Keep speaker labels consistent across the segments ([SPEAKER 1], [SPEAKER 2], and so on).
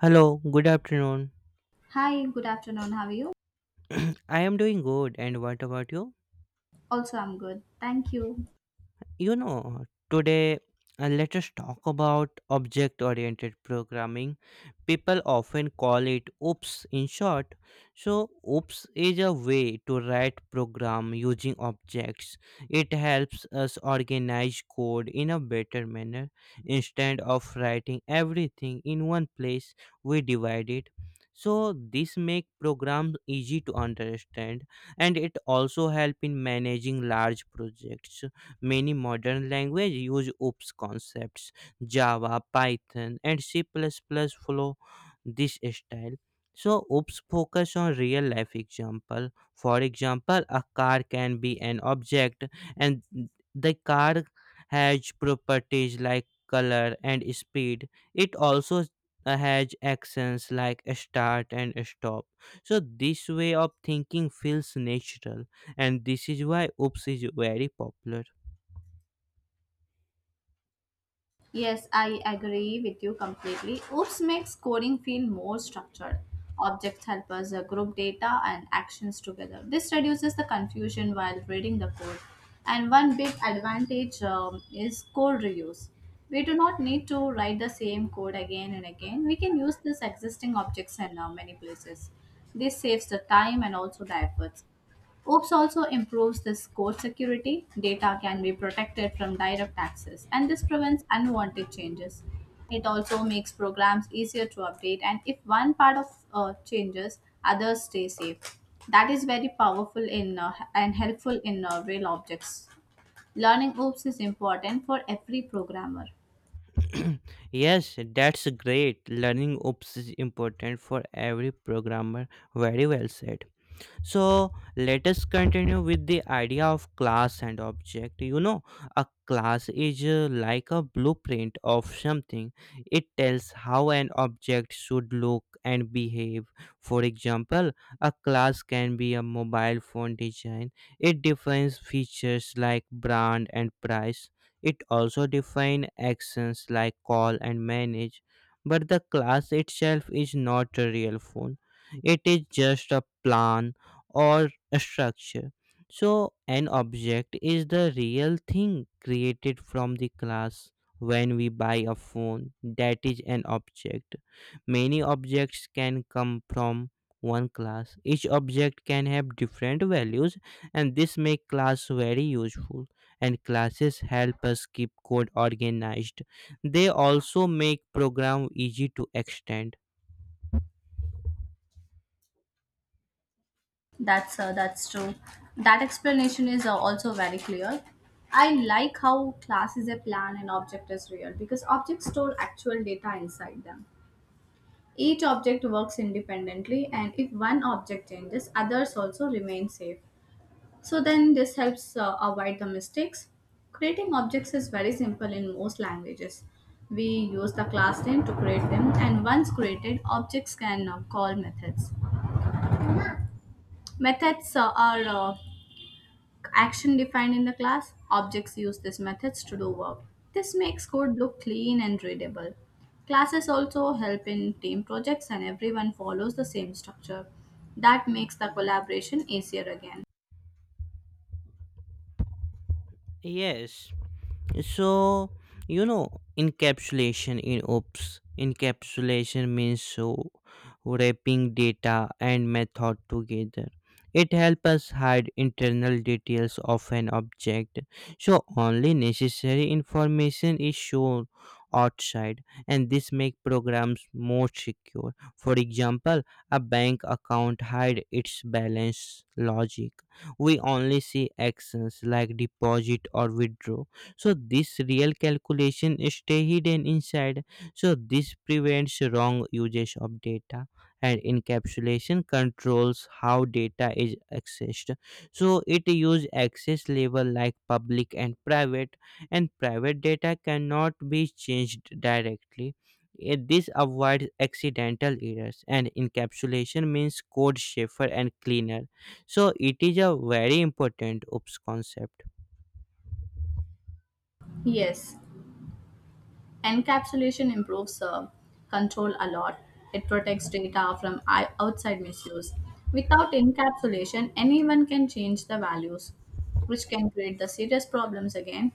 [SPEAKER 1] Hello, good afternoon.
[SPEAKER 2] Hi, good afternoon. How are you?
[SPEAKER 1] I am doing good, and what about you?
[SPEAKER 2] Also, I'm good. Thank you.
[SPEAKER 1] You know, Today let us talk about object oriented programming. People often call it OOPS in short. So, OOPS is a way to write program using objects. It helps us organize code in a better manner. Instead of writing everything in one place, we divide it. So, this make programs easy to understand, and it also help in managing large projects. Many modern languages use OOPS concepts. Java, Python, and C++ plus plus follow this style. So OOPS focus on real life example. For example, a car can be an object, and the car has properties like color and speed. It also has actions like start and stop. So this way of thinking feels natural, and this is why OOPS is very popular.
[SPEAKER 2] Yes, I agree with you completely. Oops makes coding feel more structured. Objects help us group data and actions together. This reduces the confusion while reading the code. And one big advantage is code reuse. We do not need to write the same code again and again. We can use this existing objects in many places. This saves the time and also the efforts. OPS also improves this code security. Data can be protected from direct access, and this prevents unwanted changes. It also makes programs easier to update, and if one part of changes, others stay safe. That is very powerful in and helpful in real objects. Learning OOPs is important for every programmer.
[SPEAKER 1] Yes, that's great. Learning OOPS is important for every programmer. Very well said. So let us continue with the idea of class and object. A class is like a blueprint of something. It tells how an object should look and behave. For example, a class can be a mobile phone design. It defines features like brand and price. It also defines actions like call and manage. But the class itself is not a real phone. It is just a plan or structure. So, an object is the real thing created from the class. When we buy a phone, that is an object. Many objects can come from one class. Each object can have different values, and this makes class very useful. And classes help us keep code organized. They also make program easy to extend.
[SPEAKER 2] That's true. That explanation is also very clear. I like how class is a plan and object is real because objects store actual data inside them. Each object works independently, and if one object changes, others also remain safe. So then this helps avoid the mistakes. Creating objects is very simple in most languages. We use the class name to create them, and once created, objects can call methods. Methods are action defined in the class, objects use these methods to do work. This makes code look clean and readable. Classes also help in team projects and everyone follows the same structure. That makes the collaboration easier again.
[SPEAKER 1] Yes. So, encapsulation in OOPS, encapsulation means, so, wrapping data and method together. It helps us hide internal details of an object, so only necessary information is shown outside, and this make programs more secure. For example, a bank account hide its balance logic. We only see actions like deposit or withdraw. So this real calculation stay hidden inside. So this prevents wrong usage of data. And encapsulation controls how data is accessed. So it use access level like public and private. And private data cannot be changed directly. This avoids accidental errors, and encapsulation means code safer and cleaner. So it is a very important OOPS concept.
[SPEAKER 2] Yes, encapsulation improves control a lot. It protects data from outside misuse. Without encapsulation, anyone can change the values, which can create the serious problems again.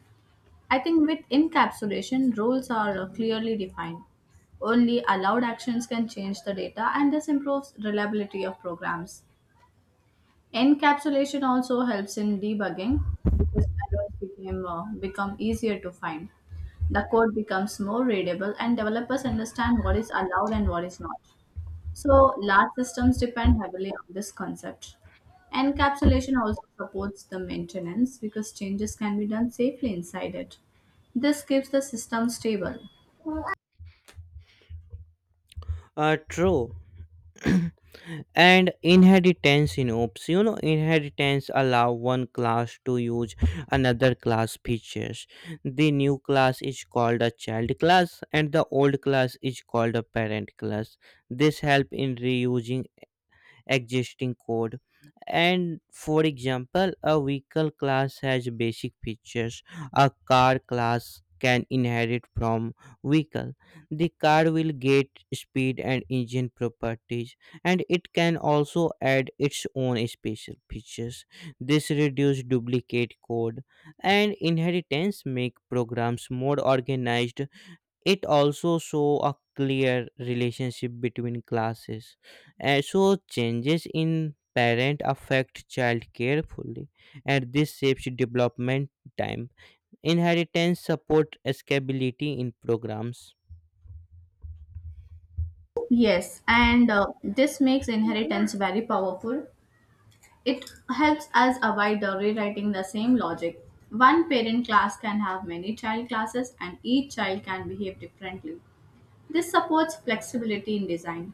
[SPEAKER 2] I think with encapsulation, roles are clearly defined. Only allowed actions can change the data, and this improves reliability of programs. Encapsulation also helps in debugging because errors become easier to find. The code becomes more readable, and developers understand what is allowed and what is not. So, large systems depend heavily on this concept. Encapsulation also supports the maintenance because changes can be done safely inside it. This keeps the system stable.
[SPEAKER 1] True. And inheritance in OPS, inheritance allow one class to use another class features. The new class is called a child class, and the old class is called a parent class. This help in reusing existing code. And for example, a vehicle class has basic features. A car class can inherit from vehicle. The car will get speed and engine properties, and it can also add its own special features. This reduces duplicate code, and inheritance make programs more organized. It also show a clear relationship between classes. And so changes in parent affect child carefully, and this shapes development time. Inheritance support scalability in programs.
[SPEAKER 2] Yes, and this makes inheritance very powerful. It helps us avoid rewriting the same logic. One parent class can have many child classes, and each child can behave differently. This supports flexibility in design.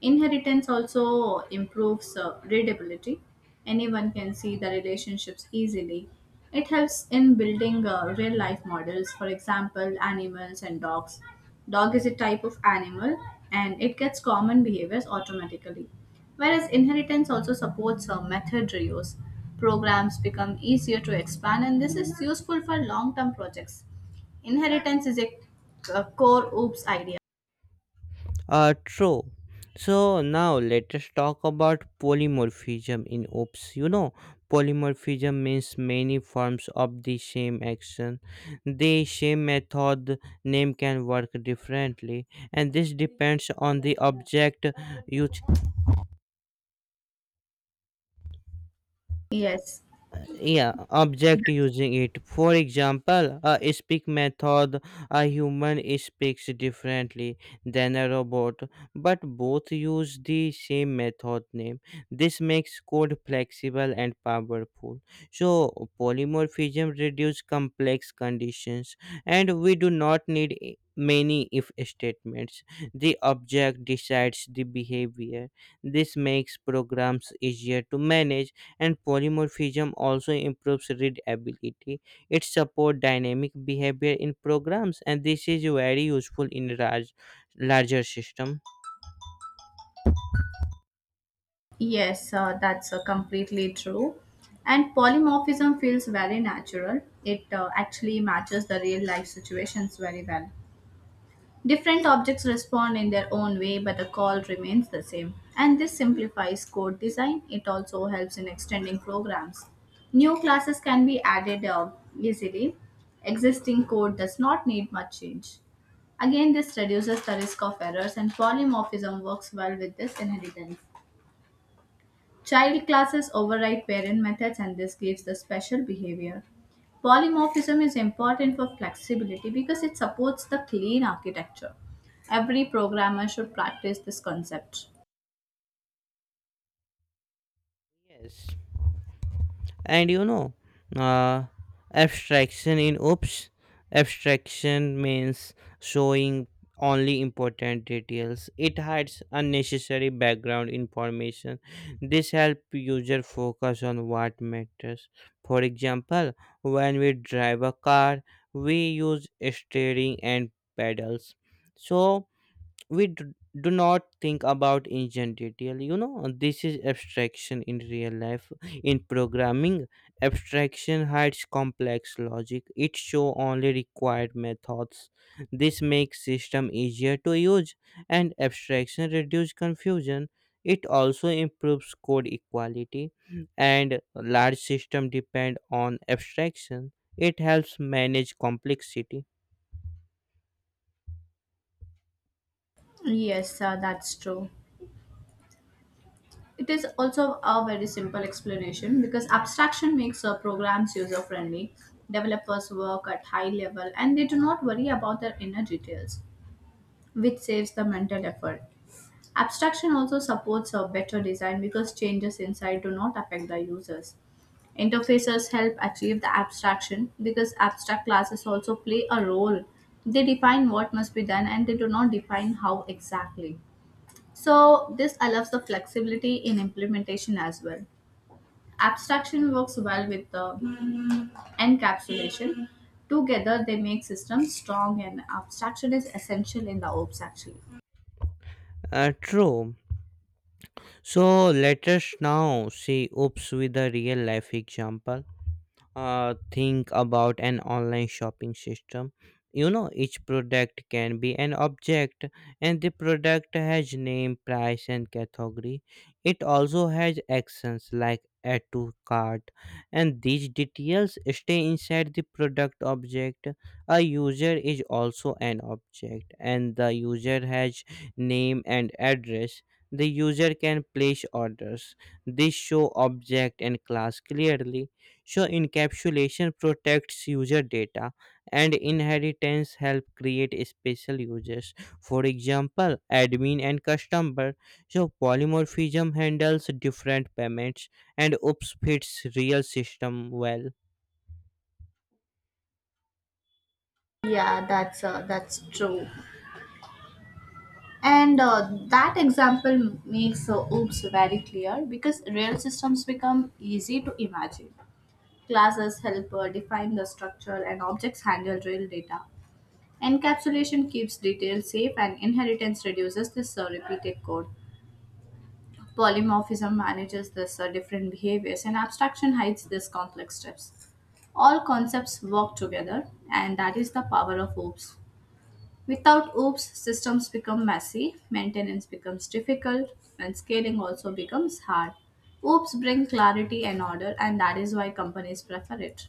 [SPEAKER 2] Inheritance also improves readability. Anyone can see the relationships easily. It helps in building real life models, for example, animals and dogs. Dog is a type of animal and it gets common behaviors automatically. Whereas inheritance also supports method reuse. Programs become easier to expand, and this is useful for long term projects. Inheritance is a core OOPS idea.
[SPEAKER 1] True. So now let us talk about polymorphism in OPS. Polymorphism means many forms of the same action. The same method name can work differently, and this depends on the object. you
[SPEAKER 2] Yes,
[SPEAKER 1] yeah object using it. For example, a speak method. A human speaks differently than a robot, but both use the same method name. This makes code flexible and powerful. So polymorphism reduces complex conditions, and we do not need many if statements. The object decides the behavior. This makes programs easier to manage, and polymorphism also improves readability. It supports dynamic behavior in programs, and this is very useful in larger system.
[SPEAKER 2] yes, that's completely true. And polymorphism feels very natural. It actually matches the real life situations very well. Different objects respond in their own way, but the call remains the same. And this simplifies code design. It also helps in extending programs. New classes can be added easily. Existing code does not need much change. Again, this reduces the risk of errors, and polymorphism works well with this inheritance. Child classes override parent methods and this gives the special behavior. Polymorphism is important for flexibility because it supports the clean architecture. Every programmer should practice this concept.
[SPEAKER 1] Yes. And uh, abstraction in OOPS. Abstraction means showing only important details. It hides unnecessary background information. This helps user focus on what matters. For example, when we drive a car, we use steering and pedals. So we do not think about ancient detail. This is abstraction in real life. In programming, abstraction hides complex logic. It show only required methods. This makes system easier to use, and abstraction reduce confusion. It also improves code equality, and large system depend on abstraction. It helps manage complexity.
[SPEAKER 2] Yes, that's true. It is also a very simple explanation because abstraction makes programs user friendly. Developers work at high level and they do not worry about their inner details, which saves the mental effort. Abstraction also supports a better design because changes inside do not affect the users. Interfaces help achieve the abstraction because abstract classes also play a role. They define what must be done and they do not define how exactly. So, this allows the flexibility in implementation as well. Abstraction works well with the encapsulation. Together, they make systems strong, and abstraction is essential in the OPS actually.
[SPEAKER 1] True. So let us now see OOPS with a real life example. Think about an online shopping system. Each product can be an object, and the product has name, price, and category. It also has actions like add to cart, and these details stay inside the product object. A user is also an object, and the user has name and address. The user can place orders. This show object and class clearly. So encapsulation protects user data, and inheritance help create special users. For example, admin and customer. So polymorphism handles different payments, and OOPS fits real system well.
[SPEAKER 2] Yeah, that's true. And that example makes OOPS very clear because real systems become easy to imagine. Classes help define the structure and objects handle real data. Encapsulation keeps details safe and inheritance reduces this repeated code. Polymorphism manages this different behaviors and abstraction hides these complex steps. All concepts work together and that is the power of OOPS. Without OOPs, systems become messy, maintenance becomes difficult, and scaling also becomes hard. OOPs bring clarity and order, and that is why companies prefer it.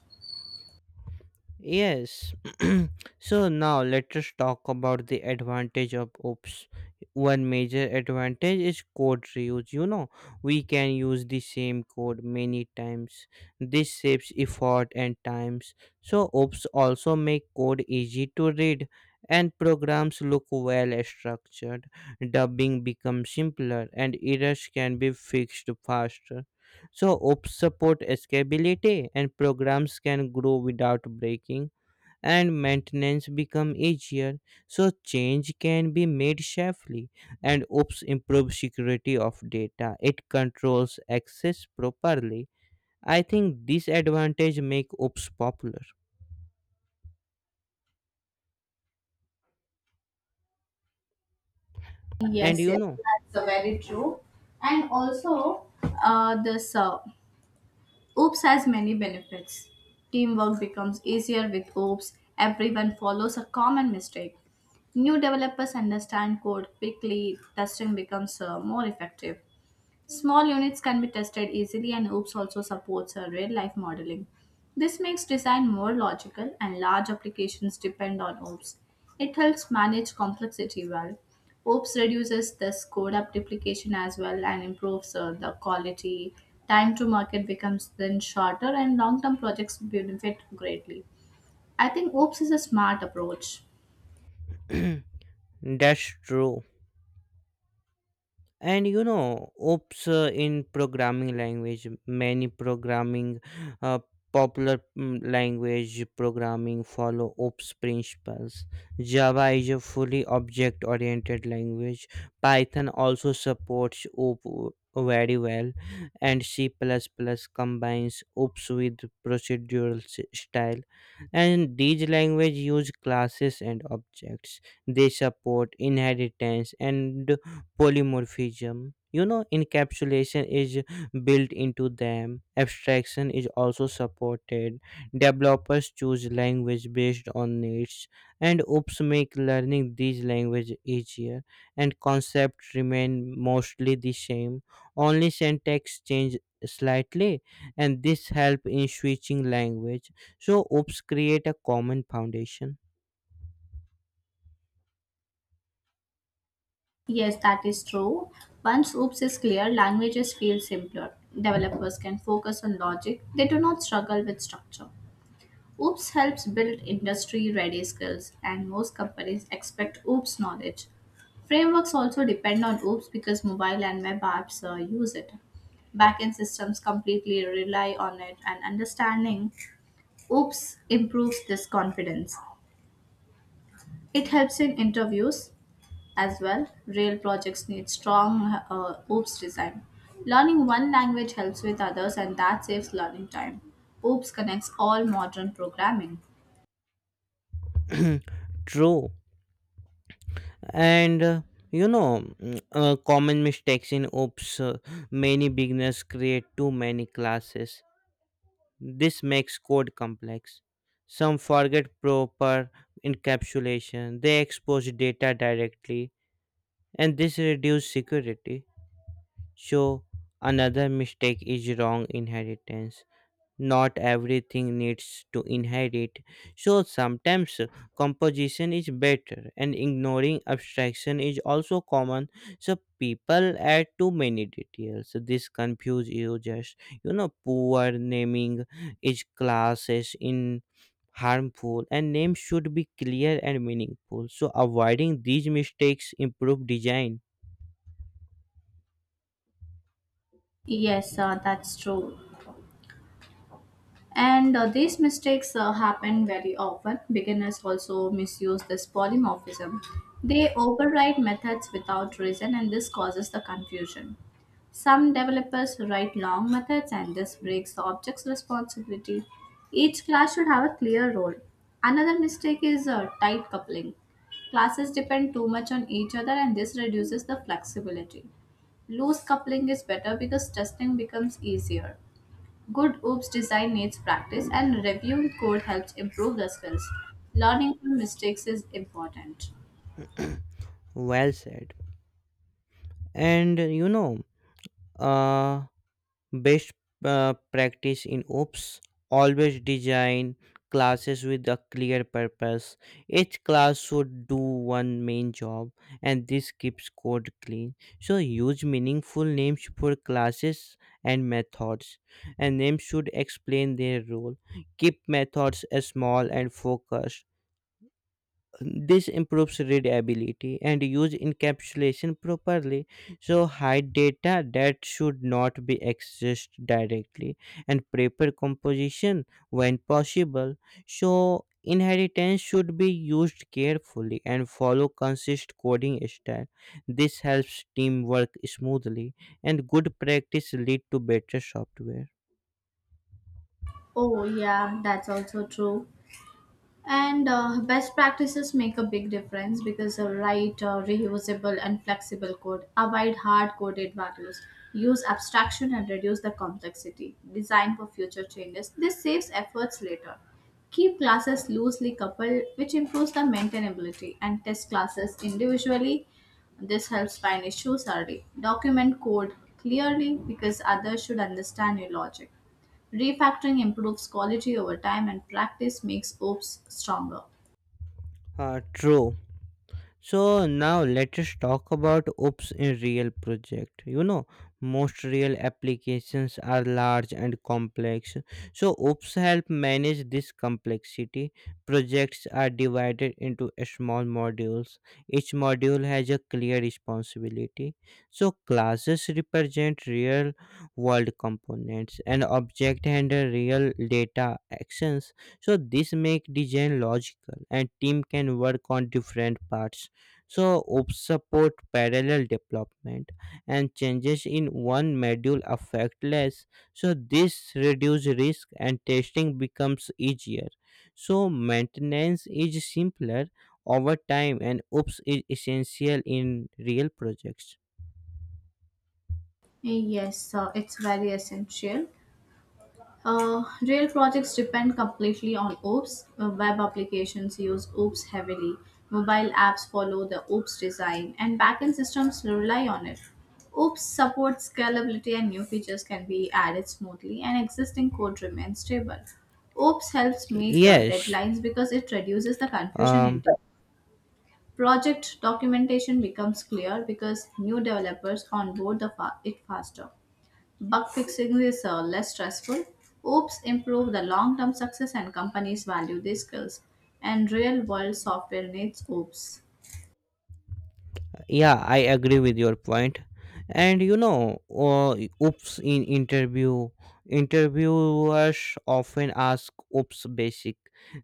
[SPEAKER 1] Yes. So now let us talk about the advantage of OPS. One major advantage is code reuse. We can use the same code many times. This saves effort and times. So OPS also make code easy to read, and programs look well structured. Dubbing becomes simpler, and errors can be fixed faster. So OPS support escalability, and programs can grow without breaking. And maintenance become easier, so change can be made safely. And OOPS improves security of data. It controls access properly. I think this advantage make OOPS popular. And
[SPEAKER 2] Yes,
[SPEAKER 1] you
[SPEAKER 2] yes,
[SPEAKER 1] know
[SPEAKER 2] that's very true. And also, this OOPS has many benefits. Teamwork becomes easier with OOPS. Everyone follows a common mistake. New developers understand code quickly. Testing becomes more effective. Small units can be tested easily, and OOPS also supports a real life modeling. This makes design more logical, and large applications depend on OOPS. It helps manage complexity well. OOPS reduces this code up duplication as well and improves the quality. Time to market becomes then shorter, and long term projects benefit greatly. I think OOPS is a smart approach.
[SPEAKER 1] That's true. And OOPS in programming language, many programming uh, popular language programming follow OOPS principles. Java is a fully object oriented language. Python also supports OOP very well. And C++ combines OOPS with procedural style. And these language use classes and objects. They support inheritance and polymorphism. Encapsulation is built into them. Abstraction is also supported. Developers choose language based on needs, and OOPS make learning these language easier, and concepts remain mostly the same. Only syntax change slightly, and this help in switching language. So OOPS create a common foundation.
[SPEAKER 2] Yes, that is true. Once OOPS is clear, languages feel simpler. Developers can focus on logic, they do not struggle with structure. OOPS helps build industry ready skills, and most companies expect OOPS knowledge. Frameworks also depend on OOPS because mobile and web apps use it. Backend systems completely rely on it, and understanding OOPS improves this confidence. It helps in interviews, as well, rail projects need strong OOPS design. Learning one language helps with others and that saves learning time. OOPS connects all modern programming.
[SPEAKER 1] True. And uh, you know mm, uh, common mistakes in OOPS. Many beginners create too many classes. This makes code complex. Some forget proper encapsulation. They expose data directly, and this reduces security. So another mistake is wrong inheritance. Not everything needs to inherit. So sometimes composition is better, and ignoring abstraction is also common. So people add too many details. This confuse users. Poor naming is classes in harmful, and names should be clear and meaningful. So avoiding these mistakes improve design.
[SPEAKER 2] Yes, that's true. And these mistakes happen very often. Beginners also misuse this polymorphism. They override methods without reason, and this causes the confusion. Some developers write long methods, and this breaks the object's responsibility. Each class should have a clear role. Another mistake is tight coupling. Classes depend too much on each other, and this reduces the flexibility. Loose coupling is better because testing becomes easier. Good OOPS design needs practice, and reviewing code helps improve the skills. Learning from mistakes is important.
[SPEAKER 1] Well said. And you know uh Best uh, practice in OOPS, always design classes with a clear purpose. Each class should do one main job, and this keeps code clean. So, use meaningful names for classes and methods, and names should explain their role. Keep methods as small and focused. This improves readability, and use encapsulation properly. So, hide data that should not be accessed directly, and paper composition when possible. So, inheritance should be used carefully and follow consistent coding style. This helps teamwork smoothly, and good practice lead to better software.
[SPEAKER 2] Oh, yeah, that's also true. And best practices make a big difference because write reusable and flexible code, avoid hard coded values, use abstraction and reduce the complexity, design for future changes. This saves efforts later. Keep classes loosely coupled, which improves the maintainability, and test classes individually. This helps find issues early. Document code clearly because others should understand your logic. Refactoring improves quality over time, and practice makes oats stronger.
[SPEAKER 1] True. So now let us talk about OOPS in real project. Most real applications are large and complex. So OOPS help manage this complexity. Projects are divided into small modules. Each module has a clear responsibility. So classes represent real world components, and object handle real data actions. So this make design logical, and team can work on different parts. So OOPS support parallel development, and changes in one module affect less. So this reduce risk, and testing becomes easier. So maintenance is simpler over time, and OOPS is essential in real projects.
[SPEAKER 2] Yes, it's very essential. Real projects depend completely on OOPs. Web applications use OOPs heavily. Mobile apps follow the OOPs design, and backend systems rely on it. OOPs supports scalability, and new features can be added smoothly, and existing code remains stable. OOPs helps meet the
[SPEAKER 1] Yes.
[SPEAKER 2] deadlines because it reduces the confusion in.
[SPEAKER 1] um
[SPEAKER 2] Project documentation becomes clear because new developers onboard it faster. Bug fixing is less stressful. Oops improve the long-term success and companies value these skills. And real-world software needs oops.
[SPEAKER 1] yeah, I agree with your point. And OOPS in interview. Interviewers often ask OOPS basic.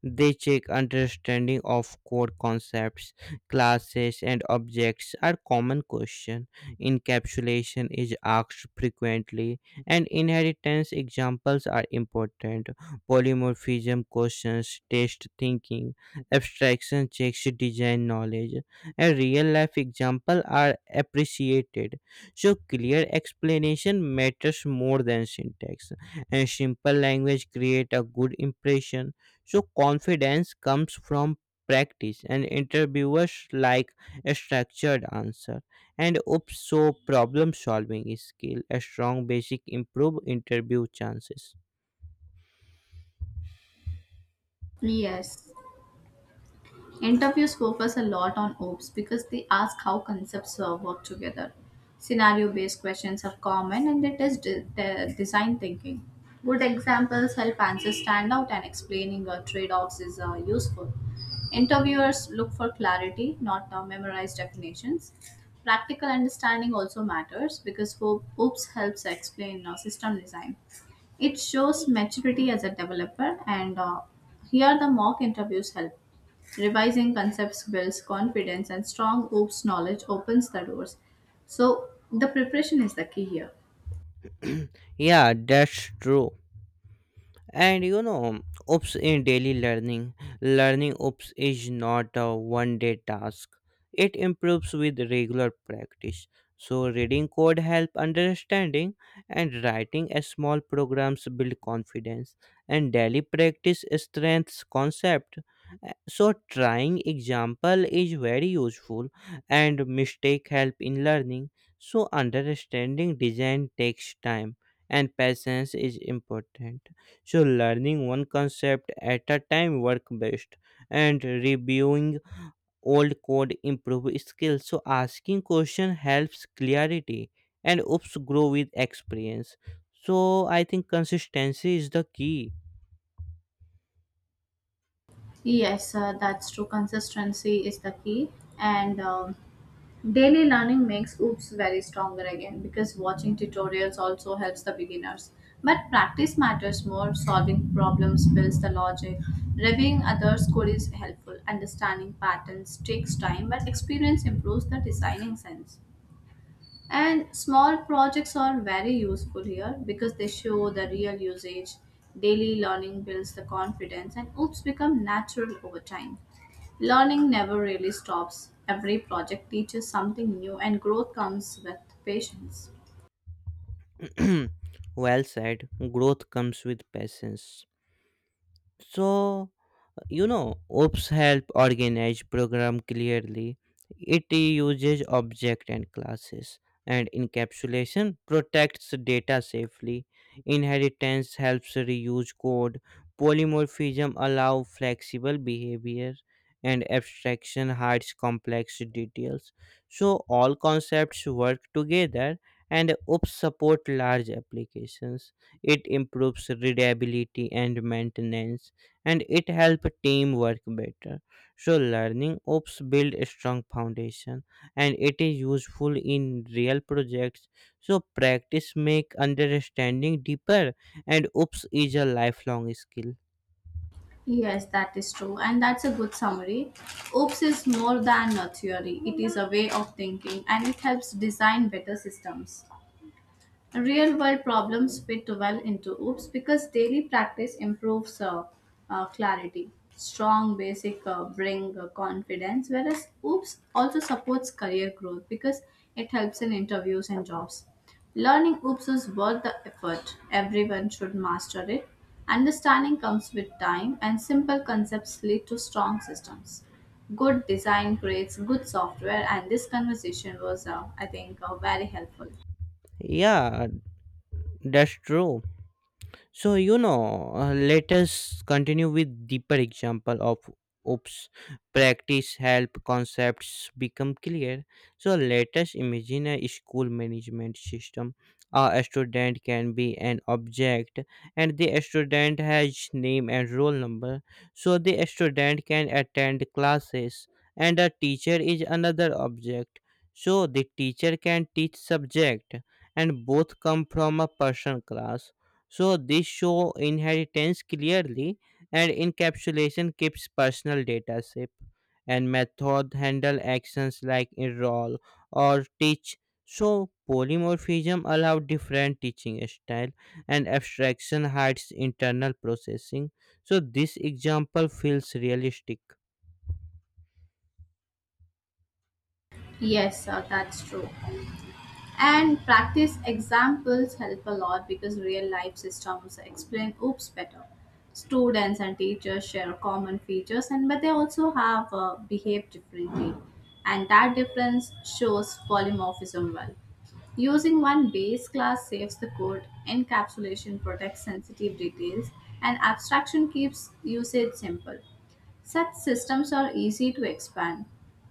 [SPEAKER 1] They check understanding of core concepts. Classes and objects are common question. Encapsulation is asked frequently, and inheritance examples are important. Polymorphism questions test thinking. Abstraction checks design knowledge, and real life example are appreciated. So clear explanation matters more than syntax, and simple language create a good impression. So confidence comes from practice, and interviewers like a structured answer. And OOPS so problem solving skill a strong basic improve interview chances.
[SPEAKER 2] Yes. Interviews focus a lot on OPS because they ask how concepts work together. Scenario based questions are common and they test design thinking. Good examples help answers stand out and explaining trade offs is useful. Interviewers look for clarity, not memorized definitions. Practical understanding also matters because OPS helps explain system design. It shows maturity as a developer and here the mock interviews help. Revising concepts builds confidence, and strong OOPS knowledge opens the doors. So, the preparation is the key here.
[SPEAKER 1] Yeah, that's true. And OOPS in daily learning. Learning OOPS is not a one day task. It improves with regular practice. So reading code help understanding, and writing a small programs build confidence, and daily practice strengths concept. So trying example is very useful, and mistake help in learning. So understanding design takes time, and patience is important. So, learning one concept at a time work best, and reviewing old code improve skills. So, asking question helps clarity, and OOPS grow with experience. So, I think consistency is the key.
[SPEAKER 2] Yes, that's true. Consistency is the key. And daily learning makes OOPS very stronger again because watching tutorials also helps the beginners. But practice matters more. Solving problems builds the logic. Reviewing others' code is helpful. Understanding patterns takes time, but experience improves the designing sense. And small projects are very useful here because they show the real usage. Daily learning builds the confidence and oops become natural over time. Learning never really stops. Every project teaches something new and growth comes with patience.
[SPEAKER 1] Well said. Growth comes with patience. So, OOPS help organize program clearly. It uses object and classes, and encapsulation protects data safely. Inheritance helps reuse code. Polymorphism allow flexible behavior, and abstraction hides complex details. So all concepts work together, and OOPs support large applications. It improves readability and maintenance, and it help teamwork better. So learning ops build a strong foundation, and it is useful in real projects. So practice make understanding deeper, and ops is a lifelong skill.
[SPEAKER 2] Yes, that is true, and that's a good summary. OOPS is more than a theory, it is a way of thinking and it helps design better systems. Real world problems fit well into oops because daily practice improves clarity. Strong basic bring confidence whereas oops also supports career growth because it helps in interviews and jobs. Learning oops is worth the effort, everyone should master it. Understanding comes with time and simple concepts lead to strong systems. Good design creates good software and this conversation was I think very helpful.
[SPEAKER 1] Yeah, that's true. Let us continue with deeper example of oops. Practice help concepts become clear. So let us imagine a school management system. A student can be an object, and the student has name and roll number. So the student can attend classes, and a teacher is another object. So the teacher can teach subject, and both come from a person class, so this show inheritance clearly. And encapsulation keeps personal data safe, and method handle actions like enroll or teach. So polymorphism allow different teaching style, and abstraction hides internal processing. So this example feels realistic.
[SPEAKER 2] Yes, sir, that's true. And practice examples help a lot because real life systems explain oops better. Students and teachers share common features, and but they also have behaved differently, and that difference shows polymorphism well. Using one base class saves the code, encapsulation protects sensitive details, and abstraction keeps usage simple. Such systems are easy to expand.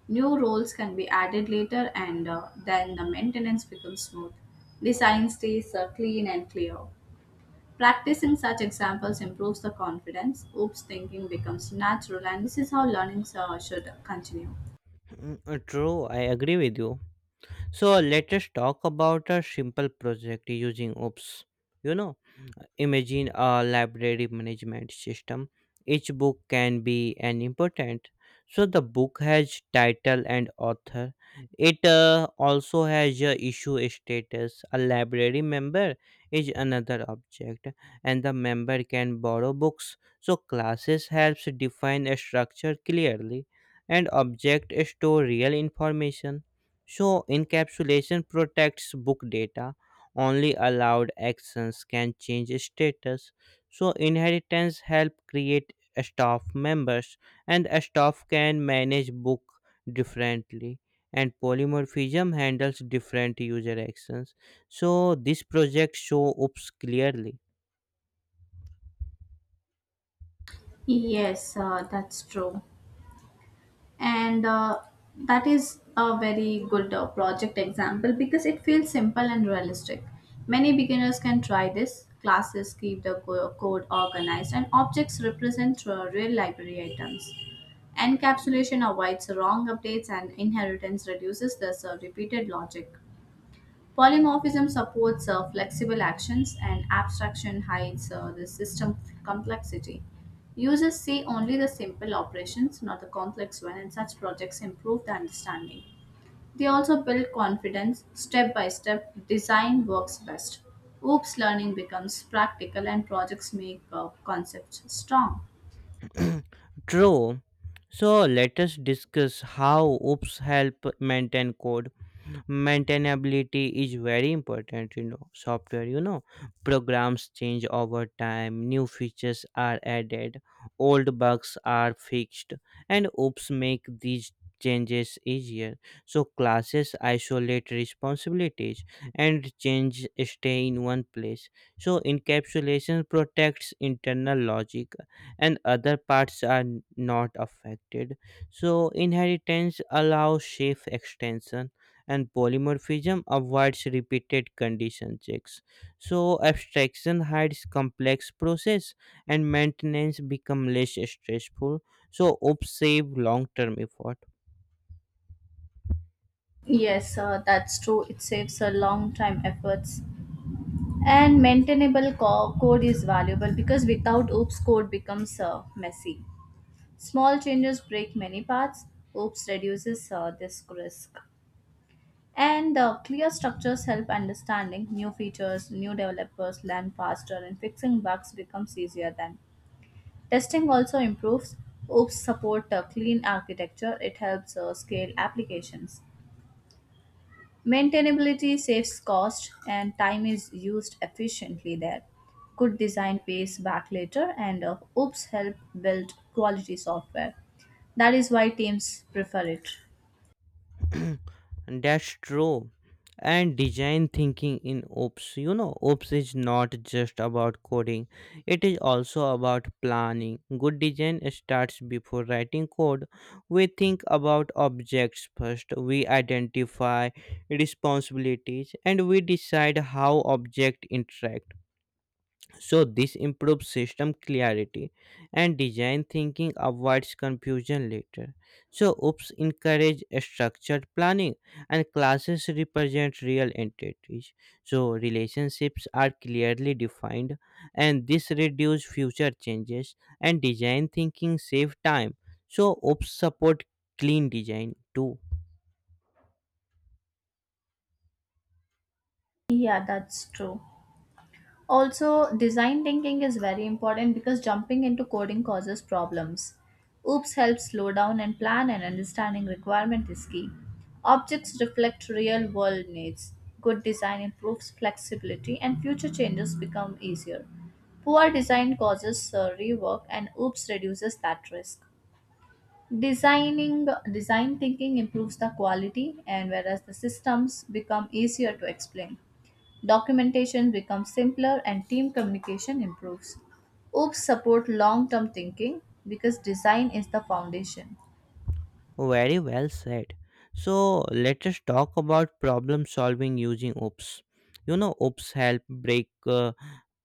[SPEAKER 2] New roles can be added later, and then the maintenance becomes smooth. Design stays clean and clear. Practicing such examples improves the confidence. Oops thinking becomes natural, and this is how learning should continue.
[SPEAKER 1] True, I agree with you. So let us talk about a simple project using OOPs. You know, Imagine a library management system. Each book can be an important. So the book has title and author. It also has a issue status. A library member is another object, and the member can borrow books. So classes helps define a structure clearly, and object store real information. So encapsulation protects book data, only allowed actions can change status. So inheritance help create staff members, and a staff can manage book differently. And polymorphism handles different user actions, so this project show oops clearly.
[SPEAKER 2] Yes, that's true. And that is a very good project example because it feels simple and realistic. Many beginners can try this. Classes keep the code organized and objects represent real library items. Encapsulation avoids wrong updates and inheritance reduces this repeated logic. Polymorphism supports flexible actions, and abstraction hides the system complexity. Users see only the simple operations, not the complex one, and such projects improve the understanding. They also build confidence step by step. Design works best. Oops learning becomes practical, and projects make concepts strong.
[SPEAKER 1] True. So let us discuss how oops help maintain code. Maintainability is very important you know software you know programs change over time, new features are added, old bugs are fixed, and oops make these changes easier. So classes isolate responsibilities, and change stay in one place. So encapsulation protects internal logic, and other parts are not affected. So inheritance allows safe extension, and polymorphism avoids repeated condition checks. So abstraction hides complex process, and maintenance become less stressful. So ops save long-term effort.
[SPEAKER 2] Yes, that's true. It saves a long time efforts. And maintainable code is valuable because without OOPS, code becomes messy. Small changes break many parts. OOPS reduces this risk. And clear structures help understanding new features, new developers learn faster, and fixing bugs becomes easier then. Testing also improves. OOPS support clean architecture. It helps scale applications. Maintainability saves cost and time is used efficiently there. Good design pays back later and oops help build quality software. That is why teams prefer it.
[SPEAKER 1] That's true. And design thinking in OPS. OPS is not just about coding, it is also about planning. Good design starts before writing code. We think about objects first, we identify responsibilities, and we decide how objects interact. So this improves system clarity, and design thinking avoids confusion later. So oops encourage structured planning, and classes represent real entities. So relationships are clearly defined, and this reduce future changes. And design thinking save time, so oops support clean design too.
[SPEAKER 2] Yeah, that's true. Also, design thinking is very important because jumping into coding causes problems. OOPS helps slow down and plan, and understanding requirement is key. Objects reflect real world needs. Good design improves flexibility, and future changes become easier. Poor design causes rework, and OOPS reduces that risk. Designing design thinking improves the quality and whereas the systems become easier to explain. Documentation becomes simpler and team communication improves. OOPs support long-term thinking because design is the foundation.
[SPEAKER 1] Very well said. So let us talk about problem solving using OOPs. OOPs help break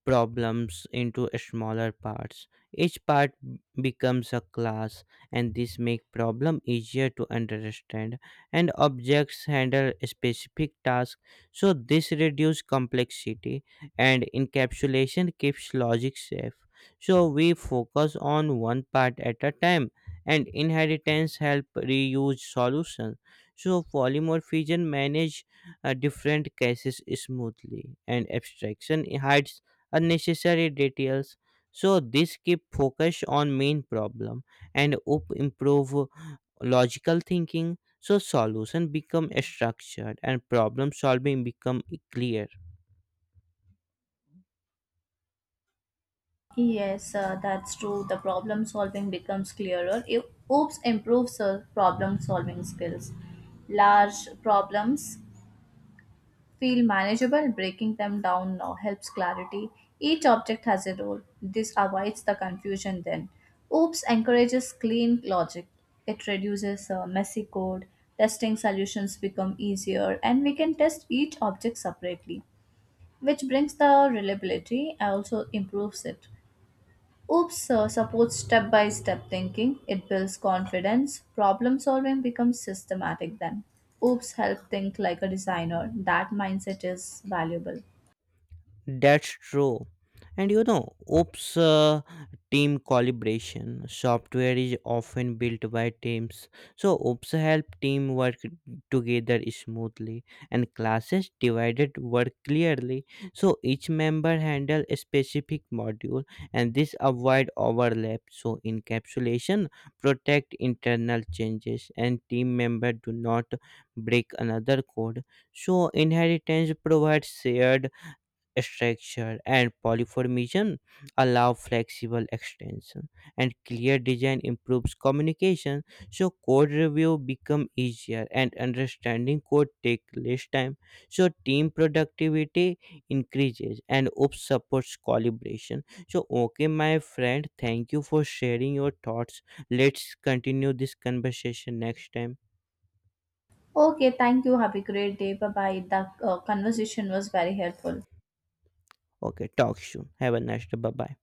[SPEAKER 1] problems into smaller parts. Each part becomes a class, and this make problem easier to understand. And objects handle specific tasks, so this reduce complexity. And encapsulation keeps logic safe, so we focus on one part at a time. And inheritance help reuse solution, so polymer fission manage different cases smoothly. And abstraction hides unnecessary details, so this keep focus on main problem. And up improve logical thinking, so solution become structured and problem solving become clear.
[SPEAKER 2] Yes, that's true. The problem solving becomes clearer. If OOPs improves problem solving skills. Large problems feel manageable, breaking them down now helps clarity. Each object has a role. This avoids the confusion then. OOPS encourages clean logic. It reduces messy code. Testing solutions become easier and we can test each object separately, which brings the reliability and also improves it. Oops supports step by step thinking. It builds confidence. Problem solving becomes systematic then. Oops help think like a designer. That mindset is valuable.
[SPEAKER 1] That's true. And you know, OOPS team calibration software is often built by teams. So OOPS help team work together smoothly, and classes divided work clearly. So each member handle a specific module, and this avoid overlap. So encapsulation protect internal changes, and team member do not break another code. So inheritance provides shared structure, and polyformism allow flexible extension. And clear design improves communication, so code review become easier and understanding code take less time. So team productivity increases, and ops supports collaboration. So okay my friend, thank you for sharing your thoughts. Let's continue this conversation next time.
[SPEAKER 2] Okay, thank you. Have a great day. Bye bye. The conversation was very helpful.
[SPEAKER 1] Okay, talk soon, have a nice day, bye bye.